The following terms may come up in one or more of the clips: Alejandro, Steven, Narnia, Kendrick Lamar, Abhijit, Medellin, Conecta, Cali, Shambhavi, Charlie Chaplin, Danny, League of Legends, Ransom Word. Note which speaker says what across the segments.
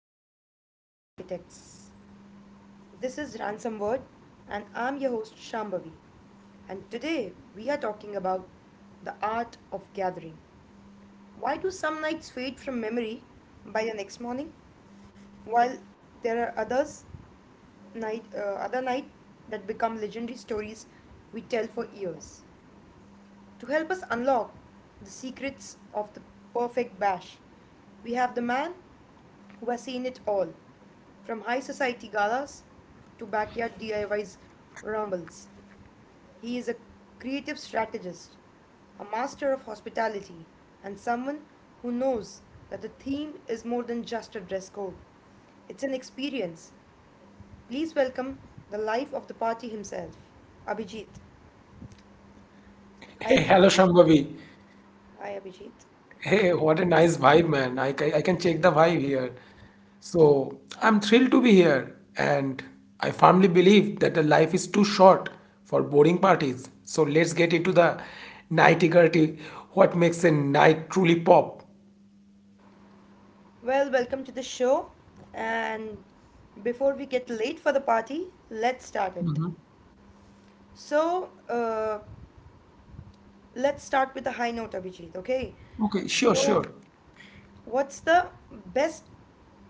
Speaker 1: people and social architects. This is Ransom Word, and I'm your host Shambhavi. And today we are talking about the art of gathering. Why do some nights fade from memory by the next morning, while there are others night other night that become legendary stories we tell for years? To help us unlock the secrets of the perfect bash, we have the man who has seen it all, from high society galas to backyard DIYs rumbles. He is a creative strategist, a master of hospitality, and someone who knows that the theme is more than just a dress code. It's an experience. Please welcome the life of the party himself, Abhijit. Hi,
Speaker 2: Hey,
Speaker 1: Abhijit.
Speaker 2: hello Shambhavi.
Speaker 1: Hi, Abhijit.
Speaker 2: Hey, what a nice vibe, man. I can check the vibe here. So, I'm thrilled to be here, and I firmly believe that the life is too short for boring parties. So, let's get into the nitty gritty what makes a night truly pop.
Speaker 1: Well, welcome to the show. And before we get late for the party, let's start it. So let's start with the high note, Abhijit. Okay.
Speaker 2: Okay, sure,
Speaker 1: So
Speaker 2: sure.
Speaker 1: what's the best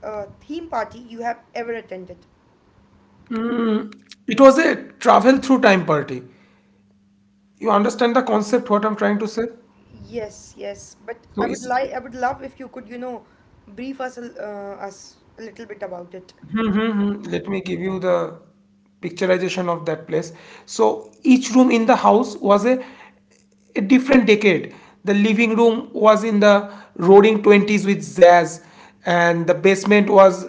Speaker 1: theme party you have ever attended?
Speaker 2: Mm, it was a travel through time party. You understand the concept, what I'm trying to say?
Speaker 1: Yes, yes. But
Speaker 2: So, it's,
Speaker 1: I would love if you could, you know, brief us a little bit about it.
Speaker 2: Mhm, Let me give you the picturization of that place. So each room in the house was a different decade. The living room was in the roaring 20s with jazz, and the basement was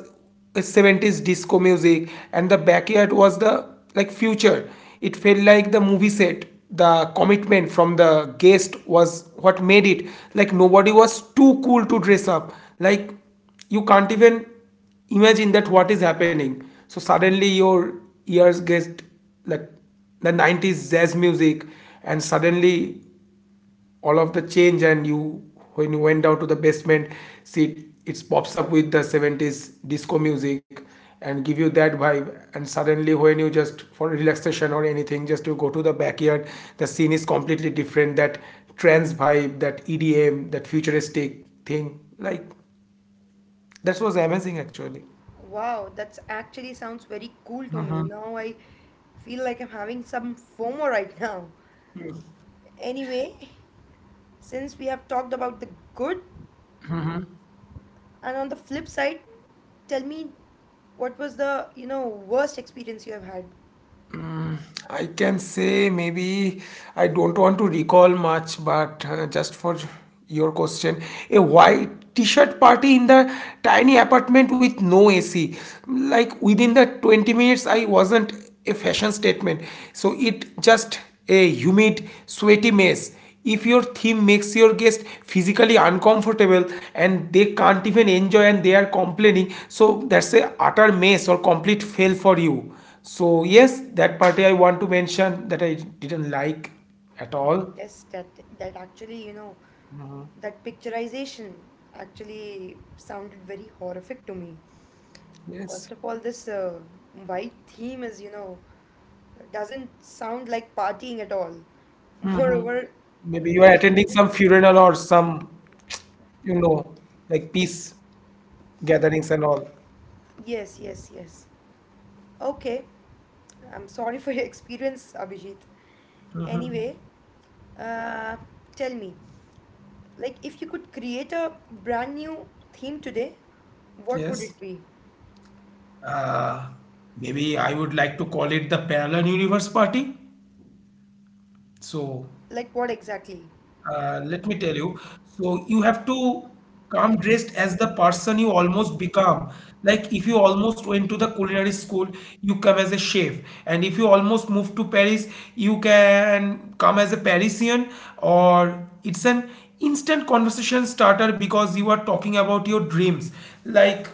Speaker 2: a 70s disco music, and the backyard was the like future. It felt like the movie set. The commitment from the guest was what made it. Like nobody was too cool to dress up. Like you can't even imagine that what is happening, so suddenly your ears get like the 90s jazz music, and suddenly all of the change, and you when you went down to the basement see it pops up with the 70s disco music and give you that vibe. And suddenly when you just for relaxation or anything just to go to the backyard, the scene is completely different, that trance vibe, that edm, that futuristic thing, like that was amazing actually.
Speaker 1: Wow, that's actually sounds very cool to me. Now I feel like I'm having some FOMO right now. Anyway, since we have talked about the good, and on the flip side, tell me what was the, you know, worst experience you have had?
Speaker 2: I can say maybe I don't want to recall much, but just for your question, a white t-shirt party in the tiny apartment with no AC. Like within the 20 minutes, I wasn't a fashion statement. So it just a humid, sweaty mess. If your theme makes your guest physically uncomfortable and they can't even enjoy and they are complaining, so that's a utter mess or complete fail for you. So yes, that party I want to mention that I didn't like at all.
Speaker 1: Yes, that actually, you know, that picturization actually sounded very horrific to me.
Speaker 2: Yes.
Speaker 1: First of all, this white theme is, you know, doesn't sound like partying at all. Moreover,
Speaker 2: Maybe you
Speaker 1: there
Speaker 2: are
Speaker 1: was.
Speaker 2: attending some funeral or some, you know, like peace gatherings and all.
Speaker 1: Yes, yes, yes. Okay. I'm sorry for your experience, Abhijit. Anyway, uh, tell me, like, if you could create a brand new theme today, what would
Speaker 2: Yes.
Speaker 1: it be?
Speaker 2: Uh, maybe I would like to call it the parallel universe party. So
Speaker 1: Like, what exactly?
Speaker 2: Let me tell you. So you have to come dressed as the person you almost become. Like if you almost went to the culinary school, you come as a chef. And if you almost moved to Paris, you can come as a Parisian, or it's an instant conversation starter because you are talking about your dreams. Like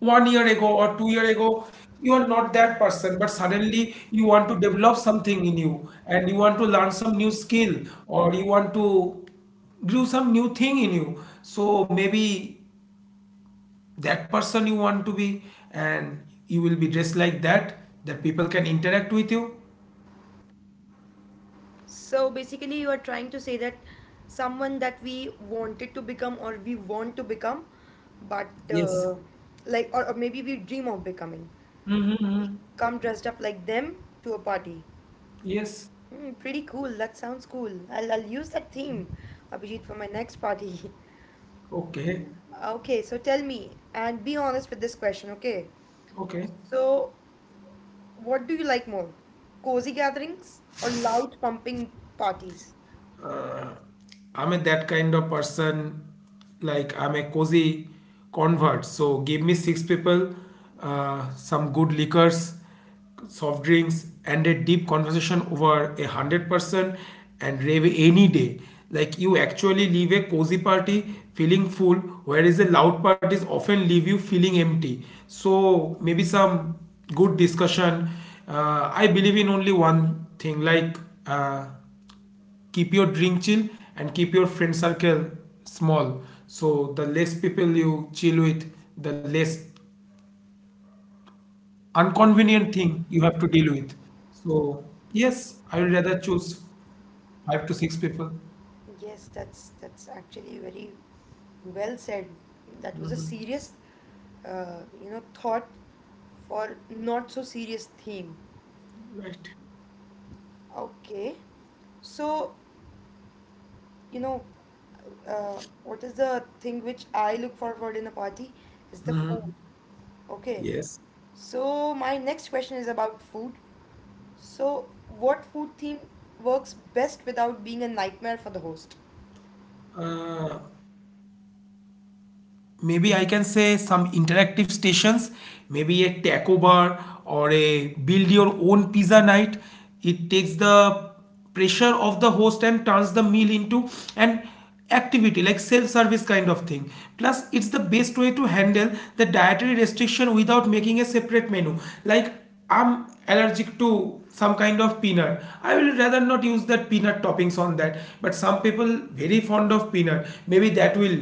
Speaker 2: 1 year ago or 2 year ago, you are not that person, but suddenly you want to develop something in you and you want to learn some new skill, or you want to do some new thing in you, so maybe that person you want to be, and you will be dressed like that that people can interact with you.
Speaker 1: So, basically, you are trying to say that someone that we wanted to become or we want to become, but
Speaker 2: Yes.
Speaker 1: uh, like, or maybe we dream of becoming. We
Speaker 2: Mm-hmm.
Speaker 1: come dressed up like them to a party.
Speaker 2: Yes.
Speaker 1: Hmm, pretty cool. That sounds cool. I'll use that theme, Abhijit, for my next party.
Speaker 2: Okay,
Speaker 1: Okay, so tell me and be honest with this question, okay?
Speaker 2: okay.
Speaker 1: So, what do you like more? Cozy gatherings or loud pumping parties?
Speaker 2: uh, I'm a that kind of person. Like I'm a cozy convert. So give me 6 people, some good liquors, soft drinks, and a deep conversation over 100 person, and rave any day. Like you actually leave a cozy party feeling full, whereas the loud parties often leave you feeling empty. So maybe some good discussion. I believe in only one thing, like. Uh, Keep your drink chill and keep your friend circle small, so the less people you chill with, the less inconvenient thing you have to deal with. So yes, I would rather choose 5 to 6 people.
Speaker 1: Yes, that's actually very well said. That was a serious, you know, thought for not so serious theme.
Speaker 2: Right.
Speaker 1: Okay. So, you know, what is the thing which I look forward in a party is the food. Okay.
Speaker 2: Yes,
Speaker 1: So my next question is about food. So, what food theme works best without being a nightmare for the host?
Speaker 2: maybe I can say some interactive stations, maybe a taco bar or a build your own pizza night. It takes the pressure of the host and turns the meal into an activity, like self-service kind of thing. Plus it's the best way to handle the dietary restriction without making a separate menu. Like I'm allergic to some kind of peanut, I will rather not use that peanut toppings on that, but some people very fond of peanut, maybe that will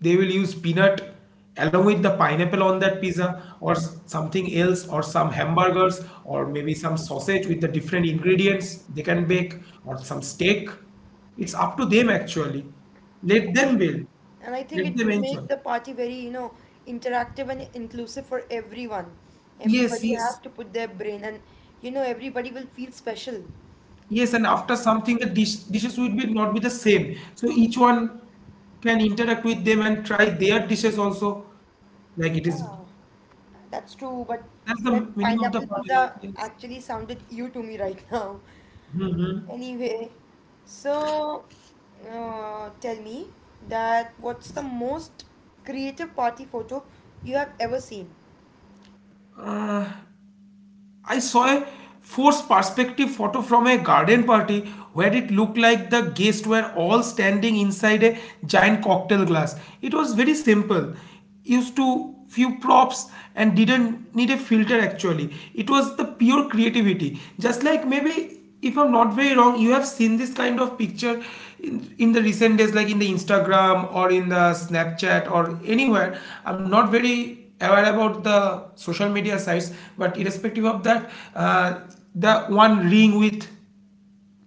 Speaker 2: they will use peanut along with the pineapple on that pizza, or something else, or some hamburgers, or maybe some sausage with the different ingredients they can bake, or some steak. It's up to them actually. Let
Speaker 1: I,
Speaker 2: them build,
Speaker 1: and I think
Speaker 2: let
Speaker 1: it
Speaker 2: them
Speaker 1: would
Speaker 2: enjoy.
Speaker 1: make the party very, you know, interactive and inclusive for everyone.
Speaker 2: Yes,
Speaker 1: Everybody
Speaker 2: yes.
Speaker 1: has to put their brain, and you know, everybody will feel special.
Speaker 2: Yes, and after something the dishes would be not be the same, so each one can interact with them and try their dishes also, like it is
Speaker 1: Yeah, that's true. But
Speaker 2: that's the
Speaker 1: that
Speaker 2: meaning of the
Speaker 1: pineapple
Speaker 2: party, like,
Speaker 1: pizza
Speaker 2: yes.
Speaker 1: actually sounded you to me right now. Anyway, so tell me that what's the most creative party photo you have ever seen?
Speaker 2: I saw a forced perspective photo from a garden party where it looked like the guests were all standing inside a giant cocktail glass. It was very simple, used to few props and didn't need a filter actually. It was the pure creativity. Just like maybe if I'm not very wrong, you have seen this kind of picture in the recent days, like in the Instagram or in the Snapchat or anywhere. I'm not very be aware about the social media sites, but irrespective of that, the one ring with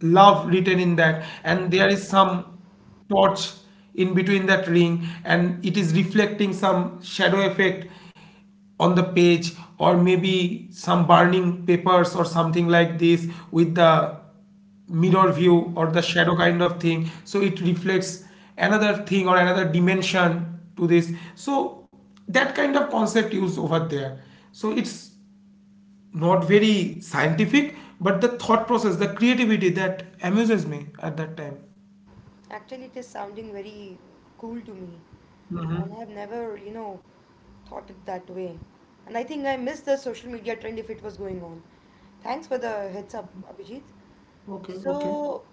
Speaker 2: love written in that, and there is some torch in between that ring, and it is reflecting some shadow effect on the page, or maybe some burning papers or something like this with the mirror view or the shadow kind of thing, so it reflects another thing or another dimension to this. So that kind of concept used over there. So it's not very scientific, but the thought process, the creativity that amuses me at that time.
Speaker 1: Actually, it is sounding very cool to me, and I have never, you know, thought it that way. And I think I missed the social media trend if it was going on. Thanks for the heads up, Abhijit.
Speaker 2: Okay, okay.
Speaker 1: So,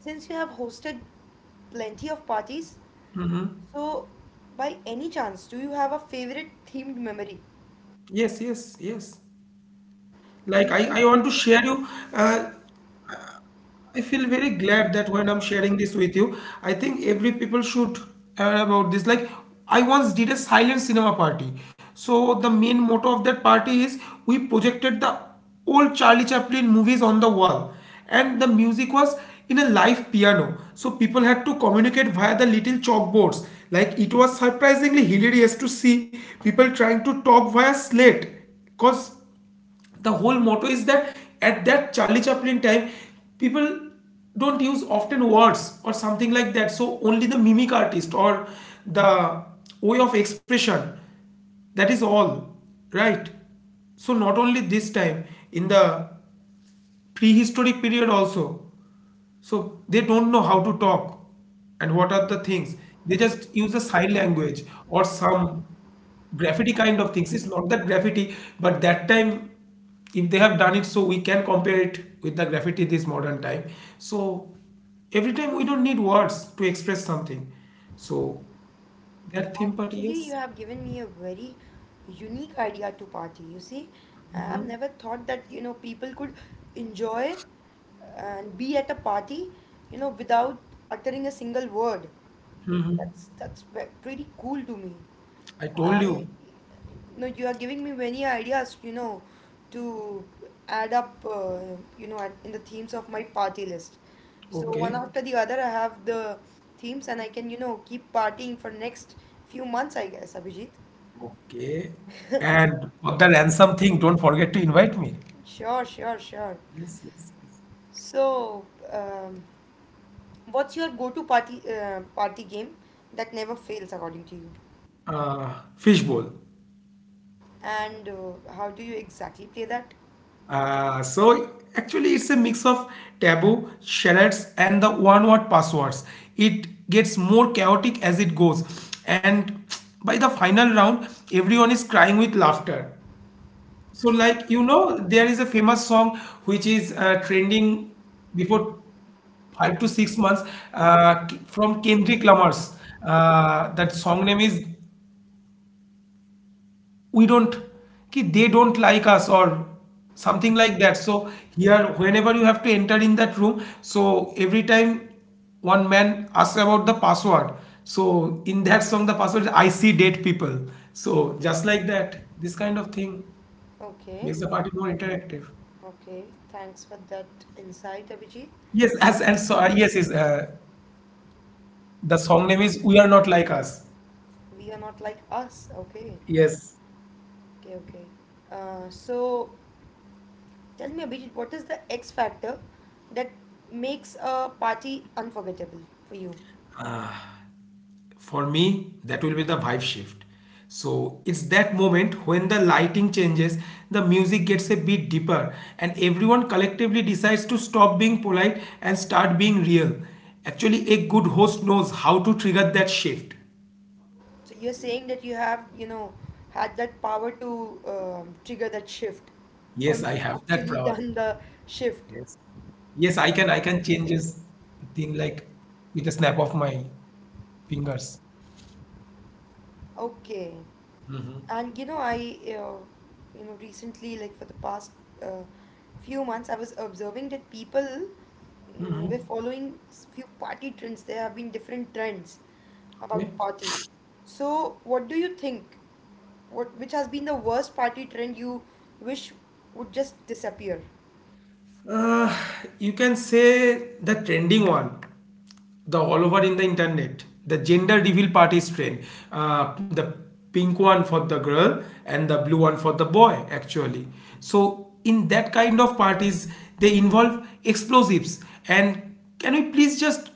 Speaker 1: since you have hosted plenty of parties, so by any chance, do you have a favorite themed memory?
Speaker 2: Yes, yes, yes.
Speaker 1: Can
Speaker 2: Like
Speaker 1: you please?
Speaker 2: I want to share you. Uh, I feel very glad that when I'm sharing this with you, I think every people should aware about this. Like I once did a silent cinema party. So the main motto of that party is we projected the old Charlie Chaplin movies on the wall, and the music was in a live piano. So people had to communicate via the little chalkboards. Like it was surprisingly hilarious to see people trying to talk via slate, because the whole motto is that at that Charlie Chaplin time, people don't use often words or something like that. So only the mimic artist or the way of expression. That is all, right? So not only this time, in the prehistoric period also, so they don't know how to talk and what are the things. They just use a sign language or some graffiti kind of things. It's not that graffiti, but that time, if they have done it, so we can compare it with the graffiti this modern time. So every time we don't need words to express something. So that theme party,
Speaker 1: Actually, you
Speaker 2: yes,
Speaker 1: have given me a very unique idea to party. You see, I have never thought that you know people could enjoy and be at a party, you know, without uttering a single word. Pretty cool to me.
Speaker 2: I told
Speaker 1: I
Speaker 2: you.
Speaker 1: No, you are giving me many ideas, you know, to add up, you know, in the themes of my party list. So one
Speaker 2: Okay,
Speaker 1: after the other, I have the themes, and I can, you know, keep partying for next few months, I guess, Abhijit.
Speaker 2: okay. And for the ransom thing, don't forget to invite me.
Speaker 1: Sure, sure, sure.
Speaker 2: Yes, yes, yes.
Speaker 1: So, um, what's your go-to party game that never fails according to you?
Speaker 2: Fishbowl.
Speaker 1: And how do you exactly play that?
Speaker 2: So actually, it's a mix of taboo, shallots, and the one-word passwords. It gets more chaotic as it goes, and by the final round, everyone is crying with laughter. So, like you know, there is a famous song which is trending before 5 to 6 months from Kendrick Lamar's. That song name is we don't ki they don't like us or something like that. So here whenever you have to enter in that room, so every time one man asks about the password, so in that song the password is I see dead people. So just like that, this kind of thing
Speaker 1: Okay.
Speaker 2: makes the party more interactive.
Speaker 1: Okay, thanks for that insight, Abhijit.
Speaker 2: Yes as and so Yes, is the song name is we are not like us.
Speaker 1: We are not like us. Okay,
Speaker 2: Yes,
Speaker 1: okay. So tell me, Abhijit, what is the X factor that makes a party unforgettable for you?
Speaker 2: for me that will be the vibe shift. So it's that moment when the lighting changes, the music gets a bit deeper, and everyone collectively decides to stop being polite and start being real. Actually a good host knows how to trigger that shift.
Speaker 1: So you're saying that you have, you know, had that power to trigger that shift
Speaker 2: Yes,
Speaker 1: or
Speaker 2: I have that
Speaker 1: actually
Speaker 2: power.
Speaker 1: done the shift.
Speaker 2: Yes, yes, I can, I can changes the thing like with a snap of my fingers.
Speaker 1: Okay. And you know I you know recently, like for the past uh, few months I was observing that people were following few party trends. There have been different trends about
Speaker 2: Okay.
Speaker 1: parties. So what do you think, what which has been the worst party trend you wish would just disappear?
Speaker 2: Uh, you can say the trending one, the all over in the internet, the gender reveal parties trend, the pink one for the girl and the blue one for the boy, actually. So, in that kind of parties, they involve explosives. And can we please just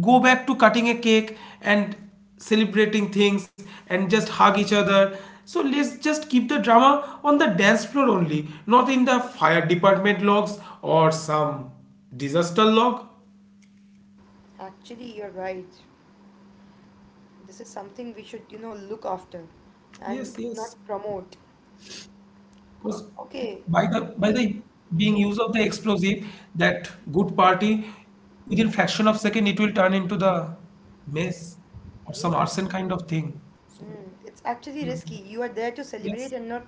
Speaker 2: go back to cutting a cake and celebrating things and just hug each other. So let's just keep the drama on the dance floor only, not in the fire department logs or some disaster log.
Speaker 1: Actually, you're right. This is something we should, you know, look after and
Speaker 2: Yes,
Speaker 1: not
Speaker 2: yes.
Speaker 1: promote.
Speaker 2: Because
Speaker 1: Okay.
Speaker 2: by the being
Speaker 1: Yes,
Speaker 2: use of the explosive, that good party within fraction of second it will turn into the mess or some
Speaker 1: yes,
Speaker 2: arson
Speaker 1: actually.
Speaker 2: kind of thing. So
Speaker 1: Mm, it's actually risky. You are there to
Speaker 2: yes,
Speaker 1: celebrate and not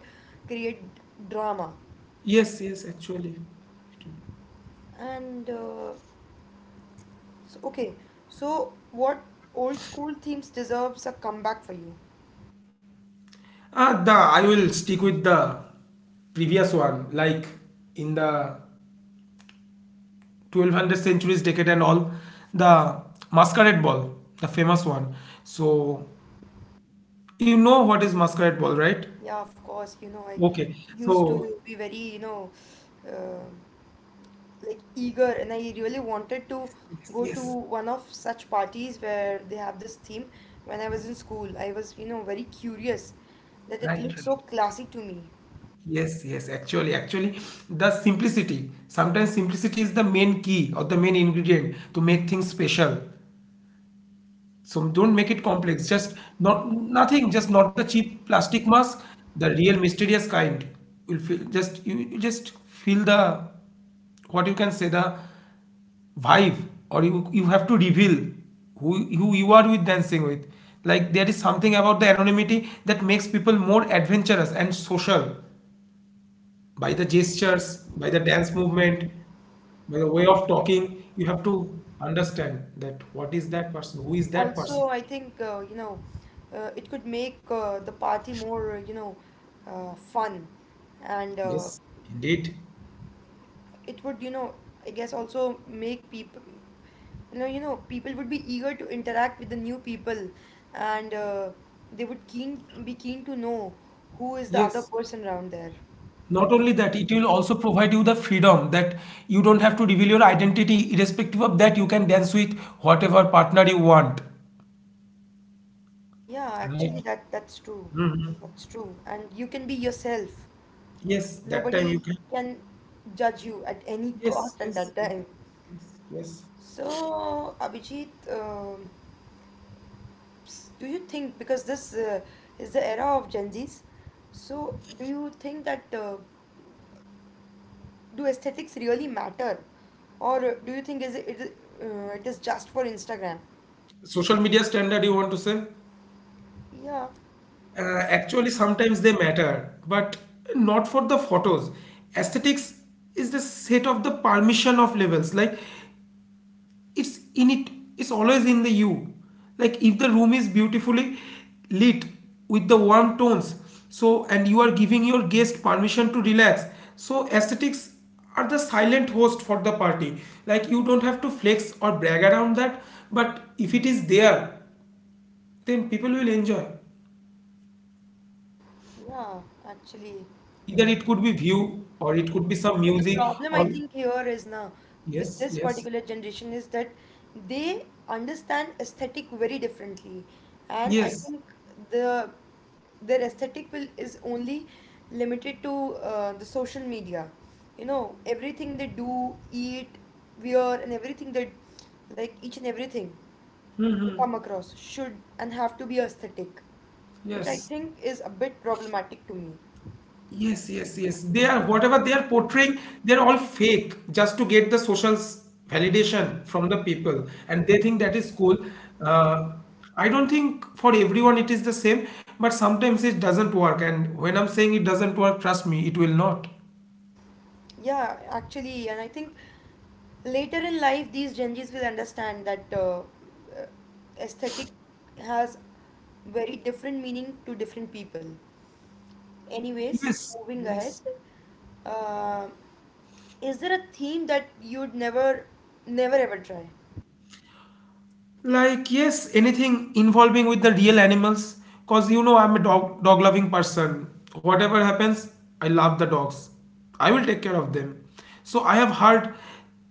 Speaker 1: create drama.
Speaker 2: yes, yes. Actually, it will.
Speaker 1: And so, okay, so what old school themes deserves a comeback for you?
Speaker 2: The I will stick with the previous one, like in the 1200 centuries decade and all, the masquerade ball, the famous one. So you know what is masquerade ball, right?
Speaker 1: Yeah, of course. You know, I
Speaker 2: Okay.
Speaker 1: used
Speaker 2: So
Speaker 1: to be very, you know, uh, like eager, and I really wanted to
Speaker 2: yes, yes,
Speaker 1: go to
Speaker 2: yes.
Speaker 1: one of such parties where they have this theme. When I was in school, I was, you know, very curious that it
Speaker 2: Right,
Speaker 1: looked
Speaker 2: right.
Speaker 1: so classy to me.
Speaker 2: Yes, yes. Actually, actually, the simplicity. Sometimes simplicity is the main key or the main ingredient to make things special. So don't make it complex. Just not nothing. Just not the cheap plastic mask. The real mysterious kind. Will feel just you just feel the what you can say the vibe, or you have to reveal who you are with dancing with. Like there is something about the anonymity that makes people more adventurous and social by the gestures, by the dance movement, by the way of talking. You have to understand that what is that person, who is that person.
Speaker 1: Also, I think you know it could make the party more you know fun, and
Speaker 2: Yes, indeed.
Speaker 1: it would you know I guess also make people you know people would be eager to interact with the new people, and they would keen be keen to know who is the other
Speaker 2: Yes.
Speaker 1: person around there.
Speaker 2: Not only that, it will also provide you the freedom that you don't have to reveal your identity. Irrespective of that, you can dance with whatever partner you want.
Speaker 1: Yeah,
Speaker 2: Right.
Speaker 1: actually that's true.
Speaker 2: Hmm.
Speaker 1: That's true. And you can be yourself.
Speaker 2: Yes, that time you
Speaker 1: Nobody
Speaker 2: can.
Speaker 1: can judge you at any
Speaker 2: Yes,
Speaker 1: cost at
Speaker 2: yes,
Speaker 1: that
Speaker 2: yes,
Speaker 1: time.
Speaker 2: yes, yes.
Speaker 1: So, Abhijit, do you think, because this is the era of Gen Zs, so do you think that do aesthetics really matter, or do you think is it it is just for Instagram?
Speaker 2: Social media standard, you want to say?
Speaker 1: Yeah,
Speaker 2: Actually, sometimes they matter, but not for the photos. Aesthetics is the set of the permission of levels. Like it's in it it's always in the you, like if the room is beautifully lit with the warm tones, so and you are giving your guest permission to relax, so aesthetics are the silent host for the party, like you don't have to flex or brag around that, but if it is there then people will enjoy
Speaker 1: yeah, actually.
Speaker 2: either it could be view or it could be some
Speaker 1: But the
Speaker 2: music
Speaker 1: problem I
Speaker 2: or
Speaker 1: think here is now with
Speaker 2: yes
Speaker 1: this
Speaker 2: yes
Speaker 1: particular generation is that they understand aesthetic very differently, and I
Speaker 2: yes
Speaker 1: think the their aesthetic will is only limited to the social media. You know, everything they do, eat, wear, and everything that like each and everything
Speaker 2: hmm,
Speaker 1: they come across should and have to be aesthetic, which I
Speaker 2: yes.
Speaker 1: think is a bit problematic to me.
Speaker 2: Yes, yes, yes. They are whatever they are portraying, they're all fake just to get the social s- validation from the people, and they think that is cool. Uh, I don't think for everyone it is the same, but sometimes it doesn't work. And when I'm saying it doesn't work, trust me, it will not.
Speaker 1: Yeah, actually, and I think later in life, these Gen Zs will understand that aesthetic has very different meaning to different people. Anyways,
Speaker 2: Yes,
Speaker 1: moving ahead,
Speaker 2: yes.
Speaker 1: uh, is there a theme that you'd never, never ever try?
Speaker 2: Like, yes, anything involving with the real animals. Cause you know I'm a dog loving person. Whatever happens, I love the dogs. I will take care of them. So I have heard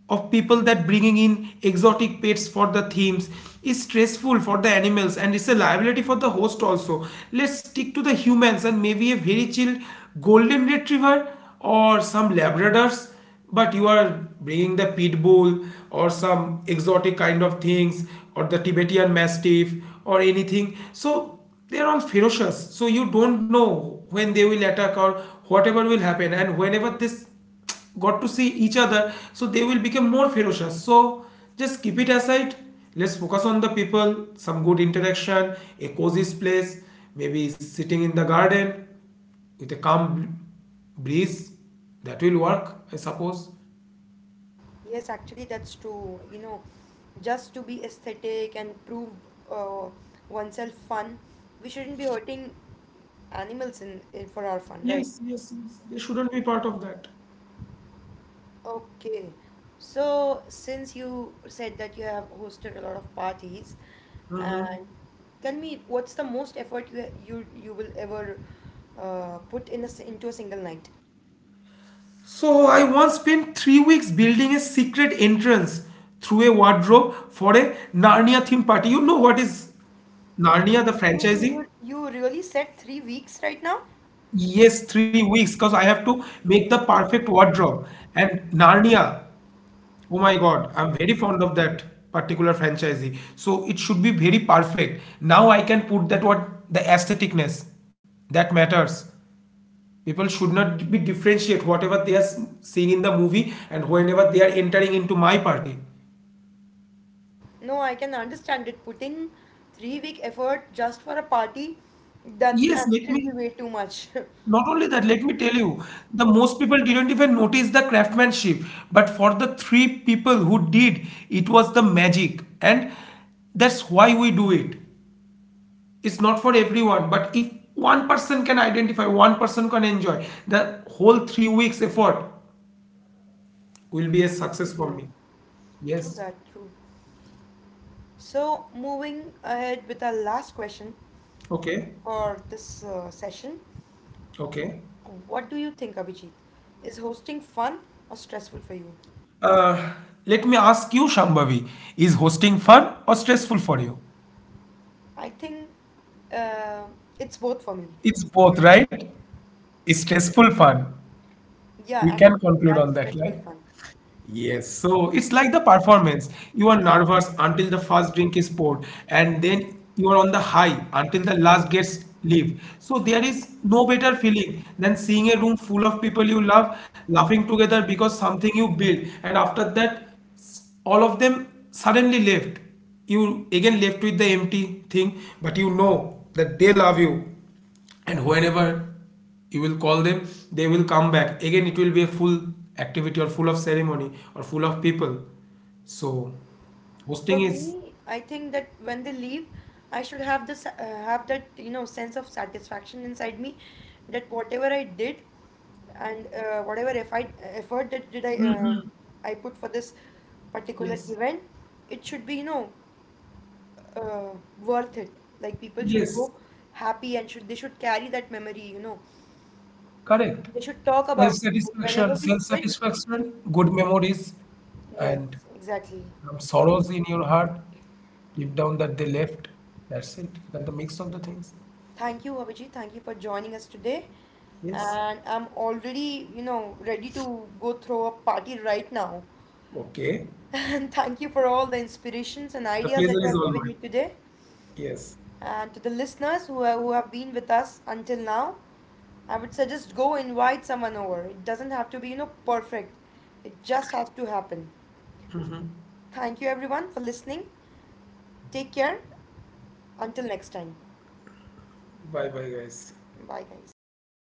Speaker 2: of people that bringing in exotic pets for the themes is stressful for the animals and it's a liability for the host also. Let's stick to the humans and maybe a very chill golden retriever or some labradors, but you are bringing the pit bull or some exotic kind of things or the Tibetan Mastiff or anything. So they're all ferocious. So you don't know when they will attack or whatever will happen. And whenever this got to see each other, so they will become more ferocious. So just keep it aside. Let's focus on the people, some good interaction, a cozy place, maybe sitting in the garden with a calm breeze. That will work, I suppose.
Speaker 1: Yes, actually, that's true. You know, just to be aesthetic and prove uh, oneself fun, we shouldn't be hurting in for our fun, right?
Speaker 2: Yes, yes, yes. They shouldn't be part of that.
Speaker 1: Okay. So, since you said that you have hosted a lot of parties, and tell me what's the most effort you will ever put in into a single night?
Speaker 2: So I once spent 3 weeks building a secret entrance through a wardrobe for a Narnia themed party. You know what is Narnia, the franchisee?
Speaker 1: You really said 3 weeks right now?
Speaker 2: Yes, 3 weeks because I have to make the perfect wardrobe. And Narnia, oh my God, I'm very fond of that particular franchisee. So it should be very perfect. Now I can put that what the aestheticness that matters. People should not be differentiate whatever they are s- seeing in the movie and whenever they are entering into my party.
Speaker 1: No, I can understand it. Putting 3 week effort just for a party, that's
Speaker 2: Yes, let
Speaker 1: actually
Speaker 2: me,
Speaker 1: way too much.
Speaker 2: not only that, let me tell you, the most people didn't even notice the craftsmanship, but for the three people who did, it was the magic, and that's why we do it. It's not for everyone, but if one person can identify, one person can enjoy, the whole 3 weeks effort will be a success for
Speaker 1: Actually,
Speaker 2: me.
Speaker 1: true
Speaker 2: Yes.
Speaker 1: that, true. So, moving ahead with our last question
Speaker 2: Okay.
Speaker 1: for this session.
Speaker 2: Okay.
Speaker 1: What do you think, Abhijit? Is hosting fun or stressful for you?
Speaker 2: Uh, Let me ask you, Shambhavi, is hosting fun or stressful for you?
Speaker 1: I think uh, it's both for me.
Speaker 2: It's both, right? It's stressful fun.
Speaker 1: Yeah,
Speaker 2: We can
Speaker 1: actually,
Speaker 2: conclude on
Speaker 1: that's
Speaker 2: that,
Speaker 1: stressful
Speaker 2: right?
Speaker 1: fun.
Speaker 2: Yes, so it's like the performance. You are nervous until the first drink is poured, and then you are on the high until the last gets leave. So there is no better feeling than seeing a room full of people you love laughing together because something you built, and after that, s- all of them suddenly left. You again left with the empty thing, but you know that they love you, and whenever you will call them they will come back again, it will be a full activity or full of ceremony or full of people, so
Speaker 1: For
Speaker 2: hosting is
Speaker 1: me, I think that when they leave, I should have this have that you know sense of satisfaction inside me that whatever I did and whatever if I, effort that did I put for this particular
Speaker 2: yes
Speaker 1: event, it should be you know uh, worth it. Like people should
Speaker 2: yes
Speaker 1: go happy and should they should carry that memory, you know.
Speaker 2: correct,
Speaker 1: They should talk
Speaker 2: self
Speaker 1: about it. Like
Speaker 2: satisfaction,
Speaker 1: whenever we
Speaker 2: self
Speaker 1: sit,
Speaker 2: satisfaction, good memories,
Speaker 1: yes,
Speaker 2: and
Speaker 1: exactly.
Speaker 2: some sorrows in your heart deep down that they left, that's it, that's the mix of the things.
Speaker 1: Thank you, Abhijit. Thank you for joining us today.
Speaker 2: Yes.
Speaker 1: And I'm already, you know, ready to go throw a party right now.
Speaker 2: Okay.
Speaker 1: And thank you for all the inspirations and
Speaker 2: The
Speaker 1: ideas that
Speaker 2: pleasure
Speaker 1: you
Speaker 2: is
Speaker 1: have
Speaker 2: all
Speaker 1: given me
Speaker 2: mine.
Speaker 1: today.
Speaker 2: Yes.
Speaker 1: And to the who have been with us until now, I would suggest go invite someone over. It doesn't have to be, you know, perfect. It just has to happen. Thank you everyone for listening. Take care. Until next time.
Speaker 2: Bye bye guys.
Speaker 1: Bye guys.